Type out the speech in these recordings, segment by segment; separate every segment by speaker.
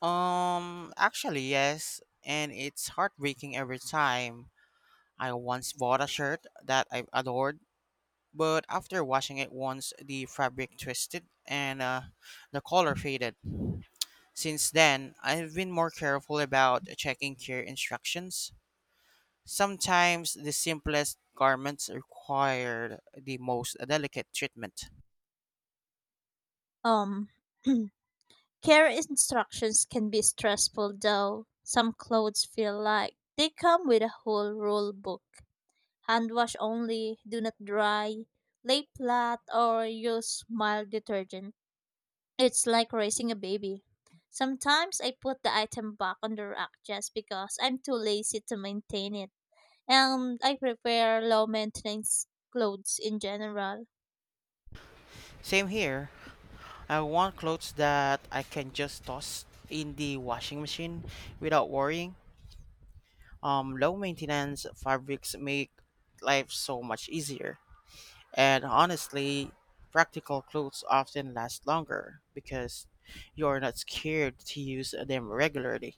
Speaker 1: Actually, yes, and it's heartbreaking every time. I once bought a shirt that I adored, but after washing it once, the fabric twisted and the color faded. Since then, I've been more careful about checking care instructions. Sometimes the simplest garments require the most delicate treatment.
Speaker 2: Um, Care instructions can be stressful though. Some clothes feel like they come with a whole rule book. Hand wash only, do not dry, lay flat, or use mild detergent. It's like raising a baby. Sometimes I put the item back on the rack just because I'm too lazy to maintain it. And I prefer low maintenance clothes in general.
Speaker 1: Same here. I want clothes that I can just toss in the washing machine without worrying. Low maintenance fabrics make life so much easier. And honestly, practical clothes often last longer because you're not scared to use them regularly.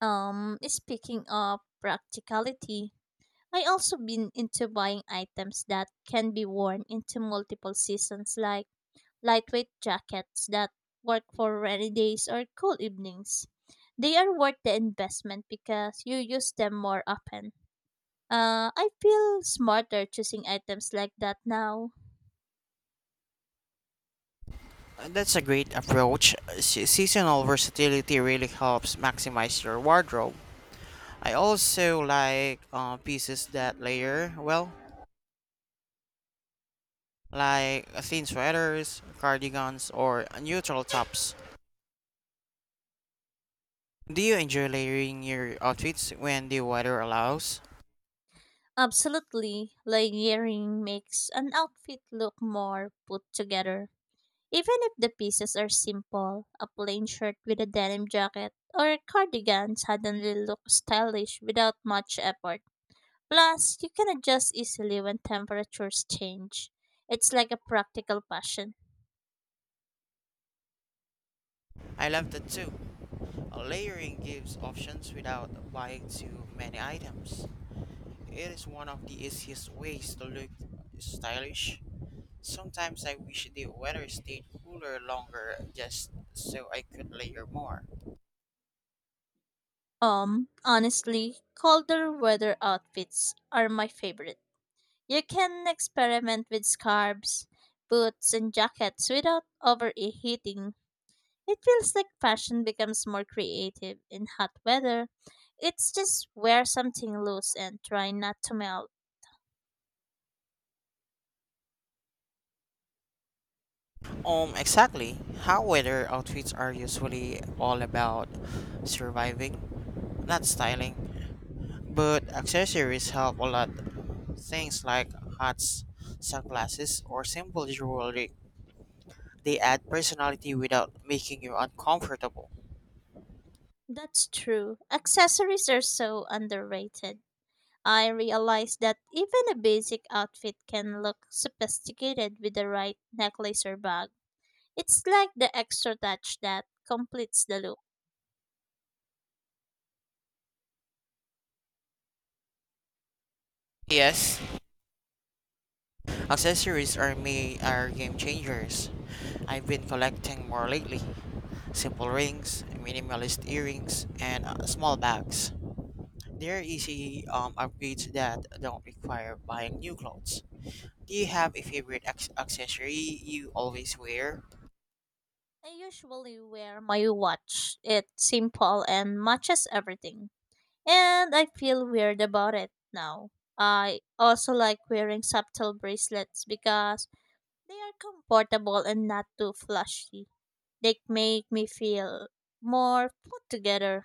Speaker 2: Speaking of practicality, I also been into buying items that can be worn into multiple seasons like lightweight jackets that work for rainy days or cool evenings. They are worth the investment because you use them more often. I feel smarter choosing items like that now.
Speaker 1: That's a great approach. Seasonal versatility really helps maximize your wardrobe. I also like pieces that layer well, like thin sweaters, cardigans, or neutral tops. Do you enjoy layering your outfits when the weather allows?
Speaker 2: Absolutely, layering makes an outfit look more put together. Even if the pieces are simple, a plain shirt with a denim jacket or a cardigan suddenly looks stylish without much effort. Plus, you can adjust easily when temperatures change. It's like a practical passion.
Speaker 1: I love that too. Layering gives options without buying too many items. It is one of the easiest ways to look stylish. Sometimes I wish the weather stayed cooler longer just so I could layer more.
Speaker 2: Honestly, colder weather outfits are my favorite. You can experiment with scarves, boots, and jackets without overheating. It feels like fashion becomes more creative in hot weather. It's just wear something loose and try not to melt.
Speaker 1: Exactly. How weather outfits are usually all about surviving, not styling. But accessories help a lot. Things like hats, sunglasses, or simple jewelry. They add personality without making you uncomfortable.
Speaker 2: That's true. Accessories are so underrated. I realize that even a basic outfit can look sophisticated with the right necklace or bag. It's like the extra touch that completes the look.
Speaker 1: Yes. Accessories are game changers. I've been collecting more lately. Simple rings, minimalist earrings, and small bags. They're easy upgrades that don't require buying new clothes. Do you have a favorite accessory you always wear?
Speaker 2: I usually wear my watch. It's simple and matches everything. And I feel weird about it now. I also like wearing subtle bracelets because they are comfortable and not too flashy. They make me feel more put together.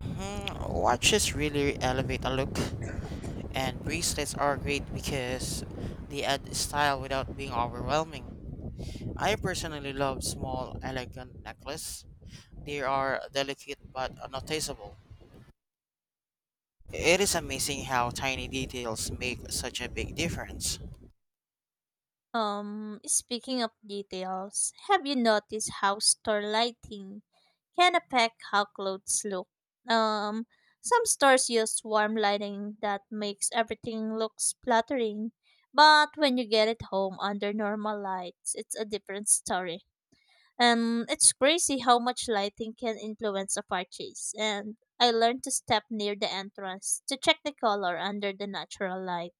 Speaker 1: Hmm, watches really elevate a look, and bracelets are great because they add style without being overwhelming. I personally love small, elegant necklaces. They are delicate but noticeable. It is amazing how tiny details make such a big difference.
Speaker 2: Speaking of details, have you noticed how store lighting can affect how clothes look? Um, some stores use warm lighting that makes everything look flattering, but when you get it home under normal lights, it's a different story. And it's crazy how much lighting can influence a purchase. And I learned to step near the entrance to check the color under the natural light.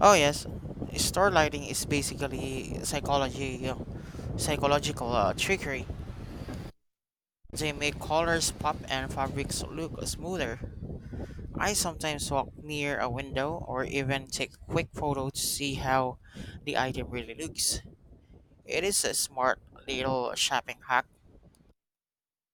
Speaker 1: Oh yes, store lighting is basically psychological trickery. They make colors pop and fabrics look smoother. I sometimes walk near a window or even take a quick photo to see how the item really looks. It is a smart little shopping hack.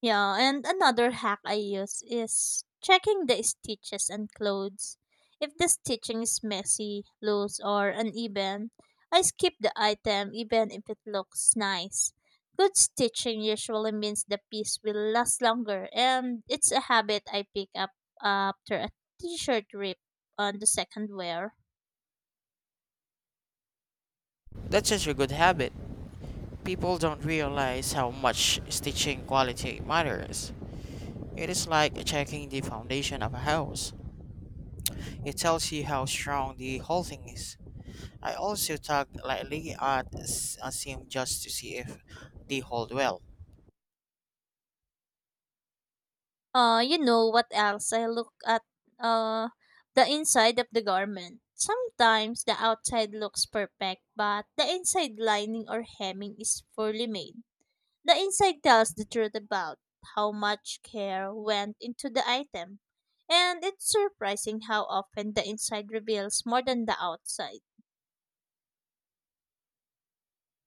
Speaker 2: Yeah, and another hack I use is checking the stitches and clothes. If the stitching is messy, loose, or uneven, I skip the item even if it looks nice. Good stitching usually means the piece will last longer, and it's a habit I pick up after a t shirt rip on the second wear.
Speaker 1: That's such a good habit. People don't realize how much stitching quality matters. It is like checking the foundation of a house. It tells you how strong the whole thing is. I also tug lightly at a seam just to see if they hold well.
Speaker 2: You know what else? I look at uh the inside of the garment. Sometimes the outside looks perfect, but the inside lining or hemming is poorly made. The inside tells the truth about how much care went into the item. And it's surprising how often the inside reveals more than the outside.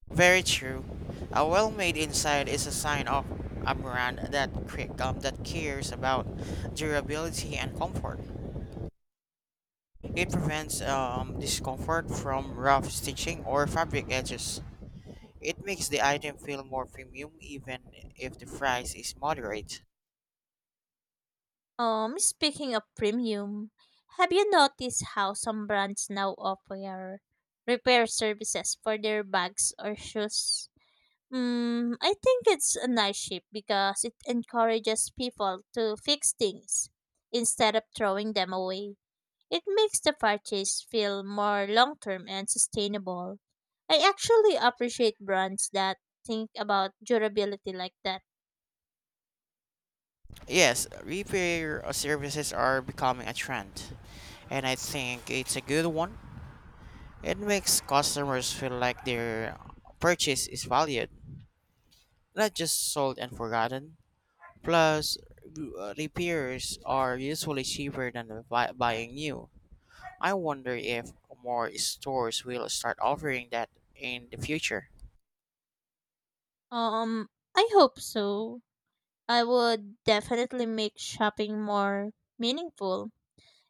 Speaker 1: Very true. A well-made inside is a sign of a brand that that cares about durability and comfort. It prevents discomfort from rough stitching or fabric edges. It makes the item feel more premium even if the price is moderate.
Speaker 2: Speaking of premium, have you noticed how some brands now offer repair services for their bags or shoes? Mm, I think it's a nice shape because it encourages people to fix things instead of throwing them away. It makes the purchase feel more long term and sustainable. I actually appreciate brands that think about durability like that.
Speaker 1: Yes, repair services are becoming a trend, and I think it's a good one. It makes customers feel like their purchase is valued, not just sold and forgotten. Plus, repairs are usually cheaper than buying new. I wonder if more stores will start offering that in the future.
Speaker 2: Um, I hope so. I would definitely make shopping more meaningful.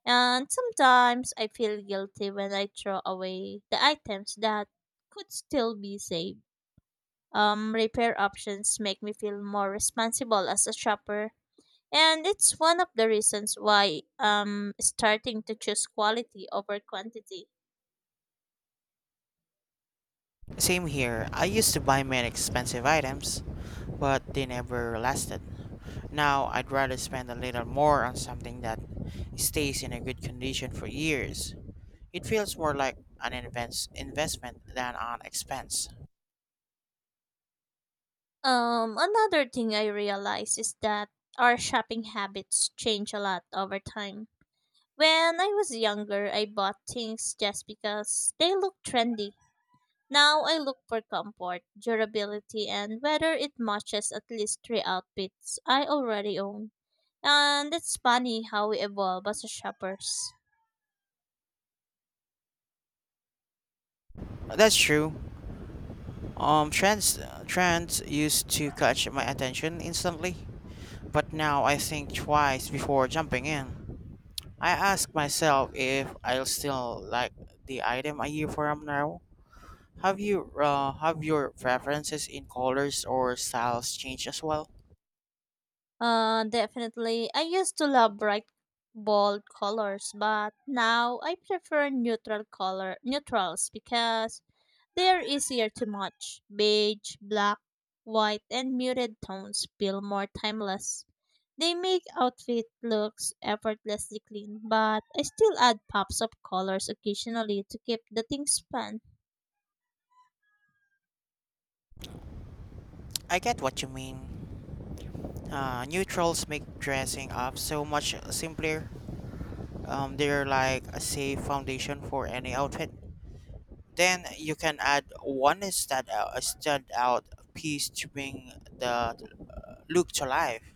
Speaker 2: And sometimes I feel guilty when I throw away the items that could still be saved. Repair options make me feel more responsible as a shopper, and it's one of the reasons why I'm starting to choose quality over quantity.
Speaker 1: Same here. I used to buy many expensive items, but they never lasted. Now I'd rather spend a little more on something that stays in a good condition for years. It feels more like an investment than an expense.
Speaker 2: Another thing I realize is that our shopping habits change a lot over time. When I was younger, I bought things just because they look trendy. Now I look for comfort, durability, and whether it matches at least three outfits I already own. And it's funny how we evolve as shoppers.
Speaker 1: That's true. Um, trends trends used to catch my attention instantly, but now I think twice before jumping in. I ask myself if I'll still like the item a year from now. Have you have your preferences in colors or styles changed as well?
Speaker 2: Definitely, I used to love bright, bold colors, but now I prefer neutral color neutrals because they're easier to match. Beige, black, white, and muted tones feel more timeless. They make outfit looks effortlessly clean, but I still add pops of colors occasionally to keep the things fun.
Speaker 1: I get what you mean. Neutrals make dressing up so much simpler. They're like a safe foundation for any outfit. Then you can add a stand out piece to bring the look to life.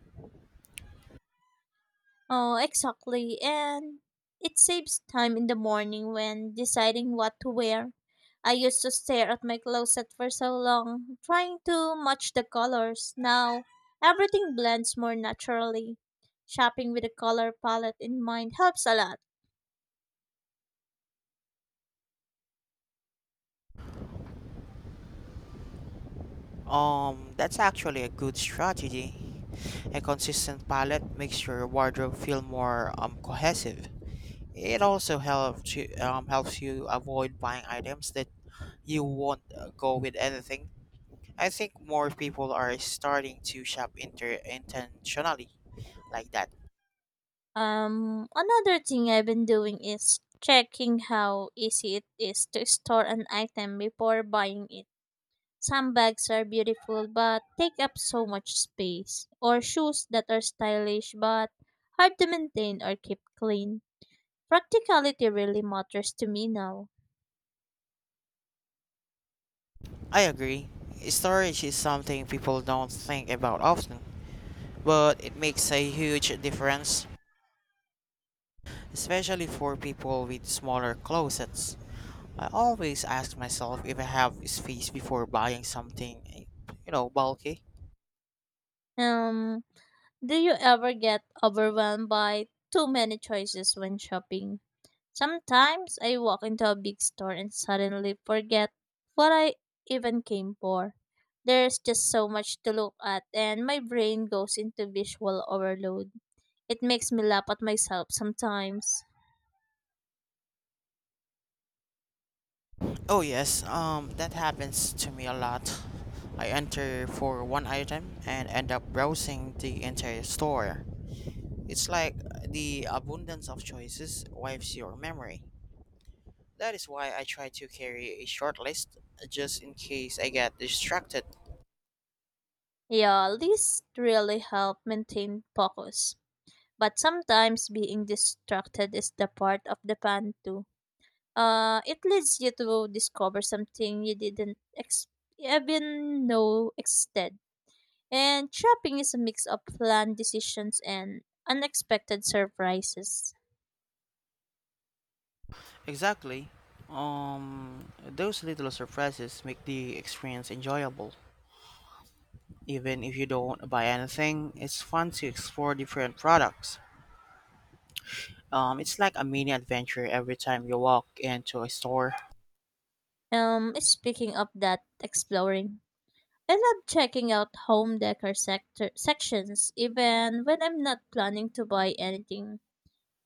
Speaker 2: Oh, exactly. And it saves time in the morning when deciding what to wear. I used to stare at my closet for so long, trying to match the colors. Now, everything blends more naturally. Shopping with a color palette in mind helps a lot.
Speaker 1: That's actually a good strategy. A consistent palette makes your wardrobe feel more cohesive. It also helps you avoid buying items that you won't go with anything. I think more people are starting to shop intentionally like that.
Speaker 2: Another thing I've been doing is checking how easy it is to store an item before buying it. Some bags are beautiful but take up so much space, or shoes that are stylish but hard to maintain or keep clean. Practicality really matters to me now.
Speaker 1: I agree. Storage is something people don't think about often, but it makes a huge difference, especially for people with smaller closets. I always ask myself if I have space before buying something, eh, you know, bulky.
Speaker 2: Um, Do you ever get overwhelmed by too many choices when shopping? Sometimes I walk into a big store and suddenly forget what I even came for. There's just so much to look at, and my brain goes into visual overload. It makes me laugh at myself sometimes.
Speaker 1: Oh yes, that happens to me a lot. I enter for one item and end up browsing the entire store. It's like the abundance of choices wipes your memory. That is why I try to carry a short list, just in case I get distracted.
Speaker 2: Yeah, lists really help maintain focus. But sometimes being distracted is the part of the fun too. It leads you to discover something you didn't ex- even know existed. And shopping is a mix of planned decisions and unexpected surprises.
Speaker 1: Exactly. Those little surprises make the experience enjoyable. Even if you don't buy anything, it's fun to explore different products. It's like a mini adventure every time you walk into a store.
Speaker 2: Speaking of that, exploring. I love checking out home decor sector sections, even when I'm not planning to buy anything.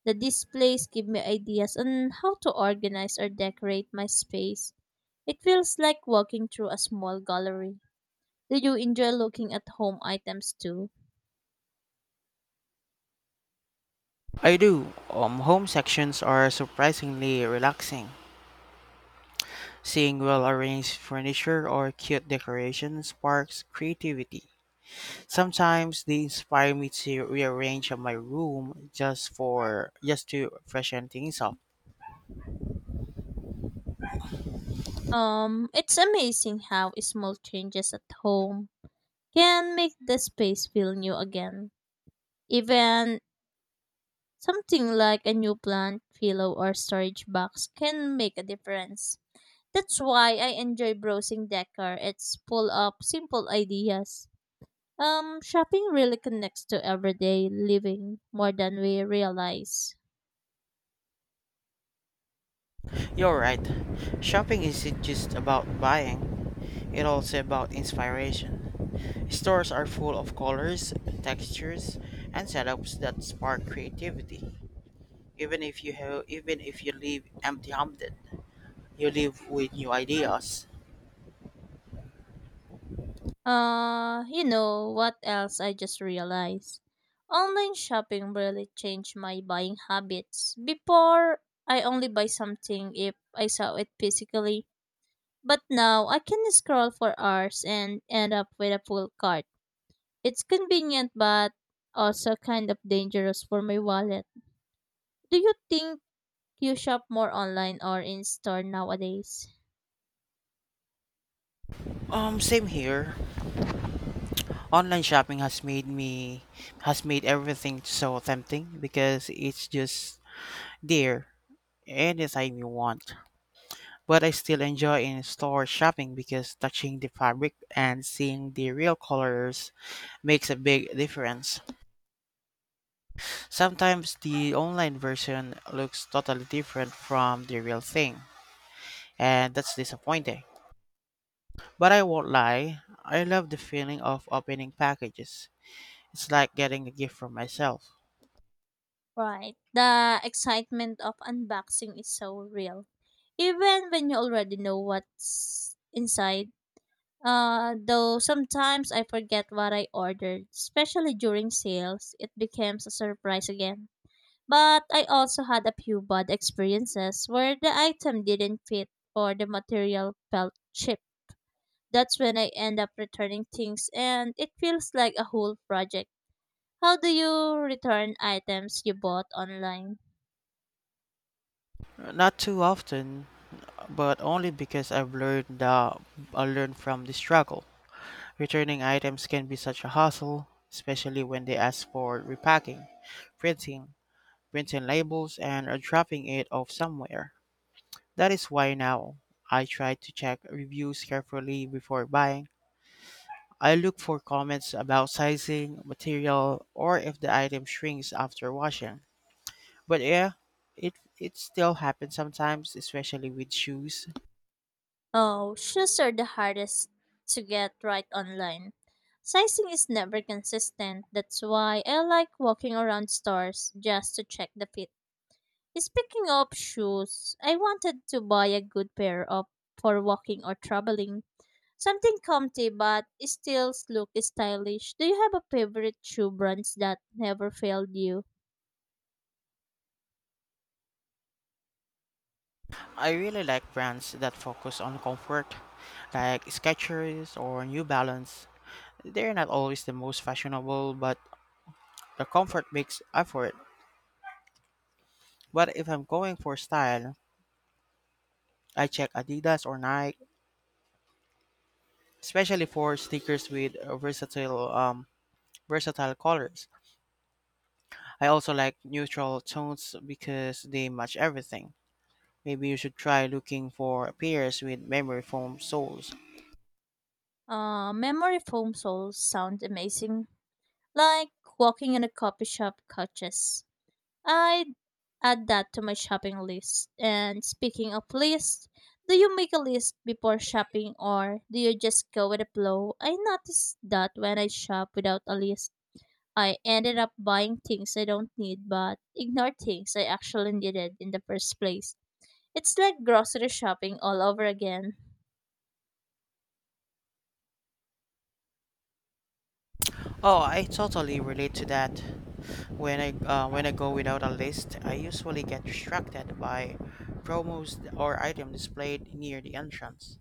Speaker 2: The displays give me ideas on how to organize or decorate my space. It feels like walking through a small gallery. Do you enjoy looking at home items too?
Speaker 1: I do. Home sections are surprisingly relaxing. Seeing well arranged furniture or cute decorations sparks creativity. Sometimes they inspire me to rearrange my room just to freshen things up.
Speaker 2: It's amazing how small changes at home can make the space feel new again. Even something like a new plant, pillow, or storage box can make a difference. That's why I enjoy browsing decor. It's full of simple ideas. Shopping really connects to everyday living more than we realize.
Speaker 1: You're right. Shopping isn't just about buying, it's also about inspiration. Stores are full of colors, textures, and setups that spark creativity. Even if you leave empty-handed, you leave with new ideas.
Speaker 2: You know what else I just realized? Online shopping really changed my buying habits. Before, I only buy something if I saw it physically, but now I can scroll for hours and end up with a full cart. It's convenient but also kind of dangerous for my wallet. Do you think you shop more online or in store nowadays?
Speaker 1: Same here. Online shopping has made everything so tempting because it's just there anytime you want. But I still enjoy in-store shopping because touching the fabric and seeing the real colors makes a big difference. Sometimes the online version looks totally different from the real thing, and that's disappointing. But I won't lie, I love the feeling of opening packages. It's like getting a gift from myself.
Speaker 2: Right. The excitement of unboxing is so real. Even when you already know what's inside. Though sometimes I forget what I ordered, especially during sales, it becomes a surprise again. But I also had a few bad experiences where the item didn't fit or the material felt cheap. That's when I end up returning things and it feels like a whole project. How do you return items you bought online?
Speaker 1: Not too often, but only because I learned from the struggle. Returning items can be such a hassle, especially when they ask for repacking, printing, printing labels, and are dropping it off somewhere. That is why now I try to check reviews carefully before buying. I look for comments about sizing, material, or if the item shrinks after washing. But yeah, it it still happens sometimes, especially with shoes.
Speaker 2: Oh, shoes are the hardest to get right online. Sizing is never consistent. That's why I like walking around stores just to check the fit. Speaking of shoes, I wanted to buy a good pair of for walking or traveling. Something comfy but still look stylish. Do you have a favorite shoe brands that never failed you?
Speaker 1: I really like brands that focus on comfort, like Skechers or New Balance. They're not always the most fashionable, but the comfort makes up for it. But if I'm going for style, I check Adidas or Nike, especially for sneakers with versatile colors. I also like neutral tones because they match everything. Maybe you should try looking for pairs with memory foam soles.
Speaker 2: Memory foam soles sound amazing. Like walking in a coffee shop couches. I'd add that to my shopping list. And speaking of lists, do you make a list before shopping or do you just go with the flow? I noticed that when I shop without a list, I ended up buying things I don't need but ignore things I actually needed in the first place. It's like grocery shopping all over again.
Speaker 1: Oh, I totally relate to that. When I go without a list, I usually get distracted by promos or item displayed near the entrance.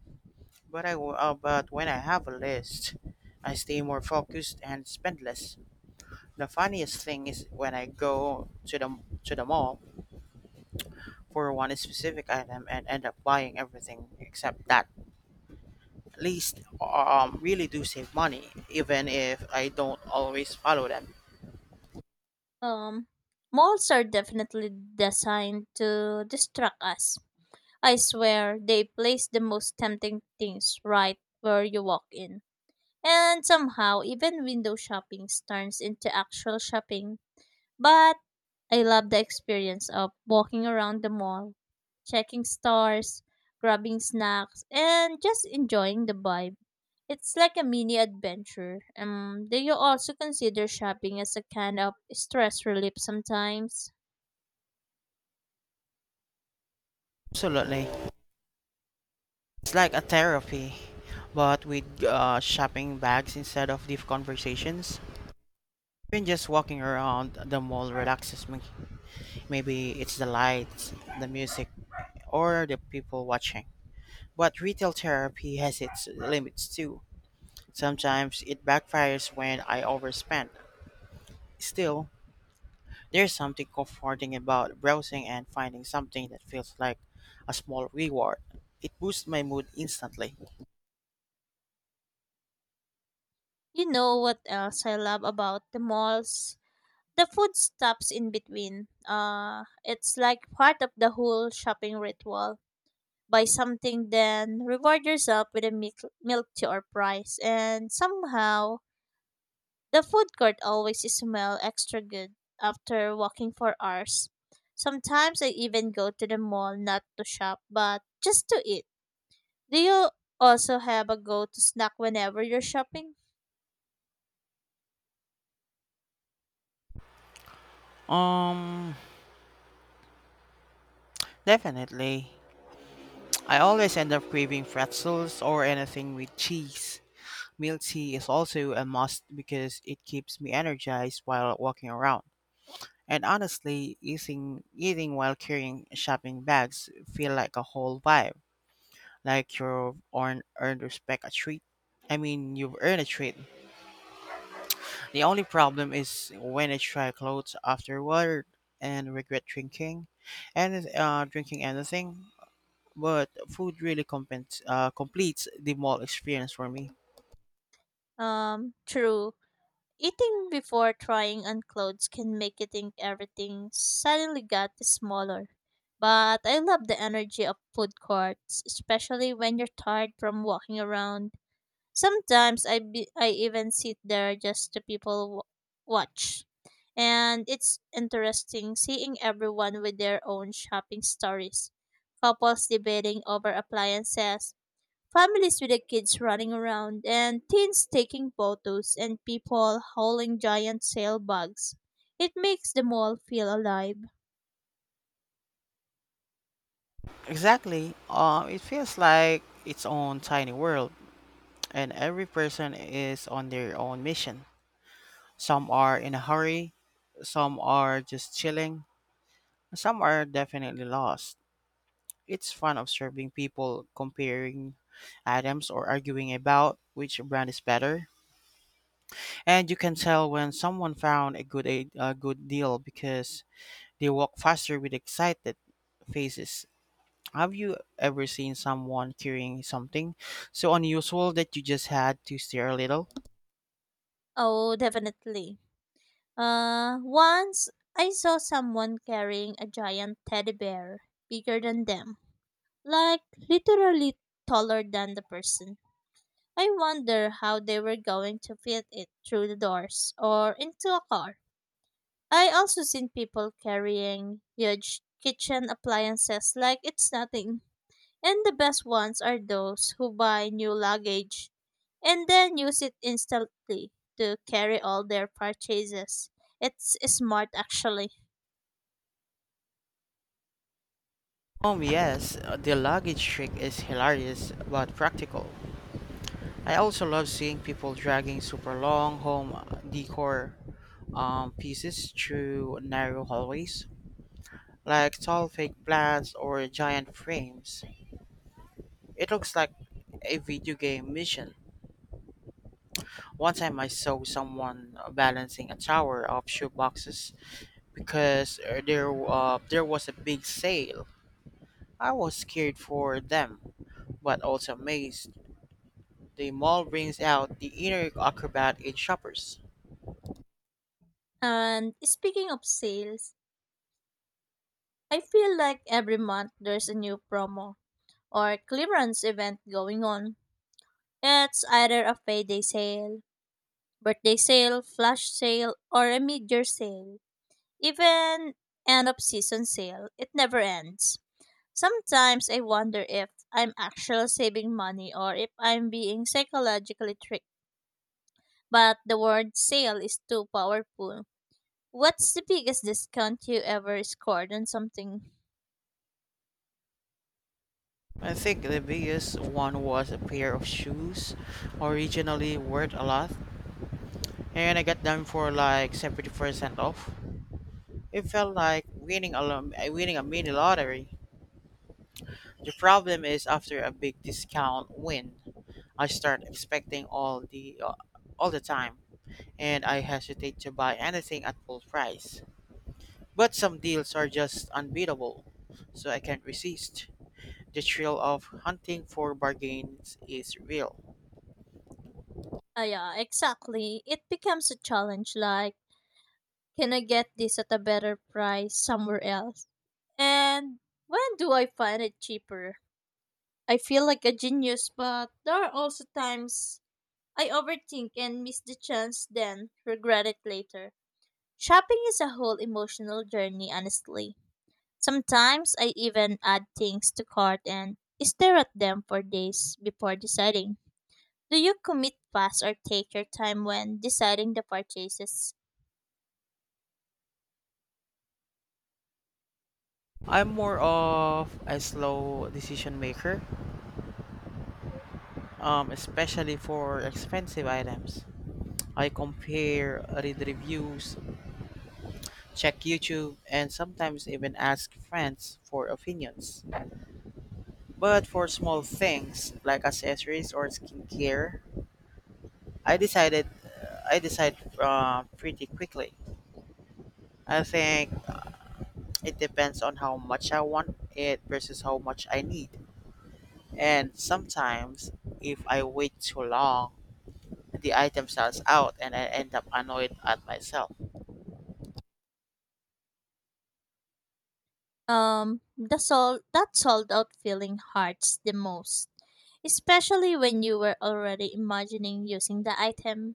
Speaker 1: But when I have a list, I stay more focused and spend less. The funniest thing is when I go to the mall for one specific item and end up buying everything except that. At least really do save money, even if I don't always follow them.
Speaker 2: Um, Malls are definitely designed to distract us. I swear they place the most tempting things right where you walk in. And somehow, even window shopping turns into actual shopping. But I love the experience of walking around the mall, checking stores, grabbing snacks, and just enjoying the vibe. It's like a mini adventure. Do you also consider shopping as a kind of stress relief sometimes?
Speaker 1: Absolutely. It's like a therapy, but with shopping bags instead of deep conversations. Even just walking around the mall relaxes me. Maybe it's the lights, the music, or the people watching. But retail therapy has its limits too. Sometimes it backfires when I overspend. Still, there's something comforting about browsing and finding something that feels like a small reward. It boosts my mood instantly.
Speaker 2: You know what else I love about the malls? The food stops in between. It's like part of the whole shopping ritual buy something, then reward yourself with a milk tea or prize. And somehow, the food court always smell extra good after walking for hours. Sometimes I even go to the mall not to shop, but just to eat. Do you also have a go-to snack whenever you're shopping?
Speaker 1: Um, Definitely. I always end up craving pretzels or anything with cheese. Milk tea is also a must because it keeps me energized while walking around. And honestly, eating while carrying shopping bags feel like a whole vibe, like you've earned, earned respect a treat. I mean, you've earned a treat. The only problem is when I try clothes afterward and drinking anything. But food really completes the mall experience for me.
Speaker 2: True. Eating before trying on clothes can make you think everything suddenly got smaller. But I love the energy of food courts, especially when you're tired from walking around. Sometimes I even sit there just to watch. And it's interesting seeing everyone with their own shopping stories. Couples debating over appliances, families with the kids running around and teens taking photos and people hauling giant sail bags. It makes the mall feel alive.
Speaker 1: Exactly. It feels like its own tiny world, and every person is on their own mission. Some are in a hurry, some are just chilling, and some are definitely lost. It's fun observing people comparing items or arguing about which brand is better. And you can tell when someone found a good deal because they walk faster with excited faces. Have you ever seen someone carrying something so unusual that you just had to stare a little?
Speaker 2: Oh, definitely. Once I saw someone carrying a giant teddy bear bigger than them, like literally taller than the person. I wonder how they were going to fit it through the doors or into a car. I also seen people carrying huge kitchen appliances like it's nothing. And the best ones are those who buy new luggage and then use it instantly to carry all their purchases. It's smart actually.
Speaker 1: Oh yes, the luggage trick is hilarious but practical. I also love seeing people dragging super long home decor pieces through narrow hallways, like tall fake plants or giant frames. It looks like a video game mission. One time I saw someone balancing a tower of shoeboxes because there was a big sale. I was scared for them, but also amazed. The mall brings out the inner acrobat in shoppers.
Speaker 2: And speaking of sales, I feel like every month there's a new promo or clearance event going on. It's either a payday sale, birthday sale, flash sale, or a mid year sale. Even end of season sale, it never ends. Sometimes I wonder if I'm actually saving money or if I'm being psychologically tricked. But the word sale is too powerful. What's the biggest discount you ever scored on something?
Speaker 1: I think the biggest one was a pair of shoes, originally worth a lot, and I got them for like 70% off. It felt like winning a mini lottery. The problem is after a big discount win, I start expecting all the time, and I hesitate to buy anything at full price. But some deals are just unbeatable, so I can't resist. The thrill of hunting for bargains is real.
Speaker 2: Ah, yeah, exactly. It becomes a challenge like, can I get this at a better price somewhere else? And when do I find it cheaper? I feel like a genius, but there are also times I overthink and miss the chance then, regret it later. Shopping is a whole emotional journey, honestly. Sometimes I even add things to cart and stare at them for days before deciding. Do you commit fast or take your time when deciding the purchases?
Speaker 1: I'm more of a slow decision maker, especially for expensive items. I compare, read reviews, check YouTube, and sometimes even ask friends for opinions. But for small things like accessories or skincare, I decided I decide pretty quickly. I think it depends on how much I want it versus how much I need. And sometimes, if I wait too long, the item sells out and I end up annoyed at myself.
Speaker 2: That sold out feeling hurts the most, especially when you were already imagining using the item.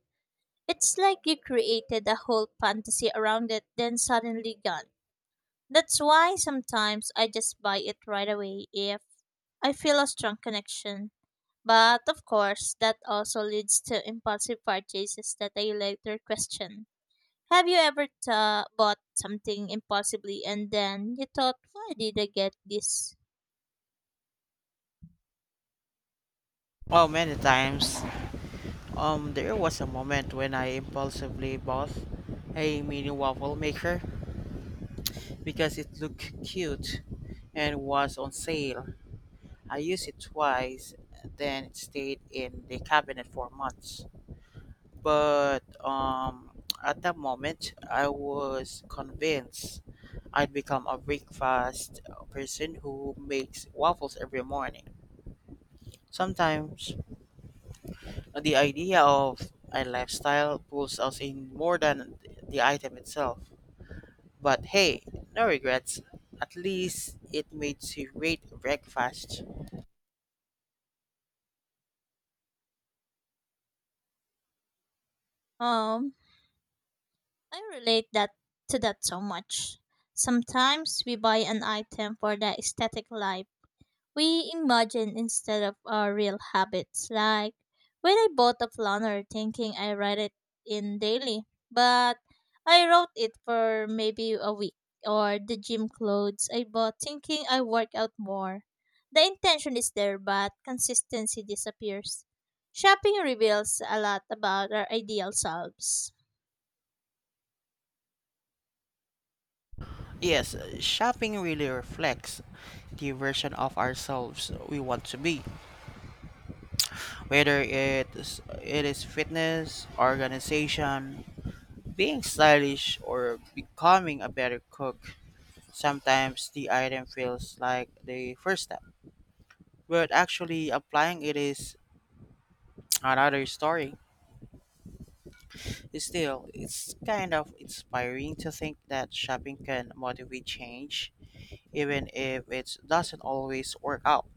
Speaker 2: It's like you created a whole fantasy around it, then suddenly gone. That's why sometimes I just buy it right away if I feel a strong connection. But of course, that also leads to impulsive purchases that I later question. Have you ever ta bought something impulsively and then you thought, why did I get this?
Speaker 1: Oh, many times. There was a moment when I impulsively bought a mini waffle maker because it looked cute and was on sale. I used it twice, then it stayed in the cabinet for months. But at that moment, I was convinced I'd become a breakfast person who makes waffles every morning. Sometimes the idea of a lifestyle pulls us in more than the item itself. But hey, no regrets. At least it made a great breakfast.
Speaker 2: Um, I relate that so much. Sometimes we buy an item for the aesthetic life we imagine instead of our real habits. Like when I bought a planner thinking I write it in daily, but I wrote it for maybe a week, or the gym clothes I bought thinking I work out more. The intention is there, but consistency disappears. Shopping reveals a lot about our ideal selves.
Speaker 1: Yes, shopping really reflects the version of ourselves we want to be. Whether it is fitness, organization, being stylish, or becoming a better cook, sometimes the item feels like the first step. But actually applying it is another story. Still, it's kind of inspiring to think that shopping can motivate change, even if it doesn't always work out.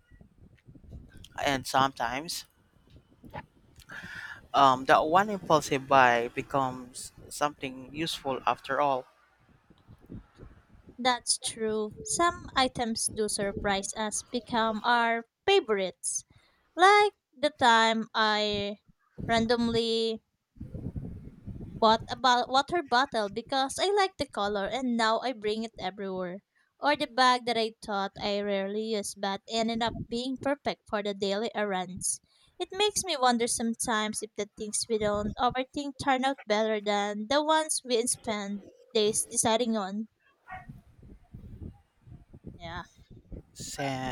Speaker 1: And sometimes, that one impulsive buy becomes something useful after all.
Speaker 2: That's true. Some items do surprise us, become our favorites. Like the time I randomly bought a water bottle because I like the color and now I bring it everywhere. Or the bag that I thought I rarely use, but ended up being perfect for the daily errands. It makes me wonder sometimes if the things we don't overthink turn out better than the ones we spend days deciding on. Yeah.
Speaker 1: Sa-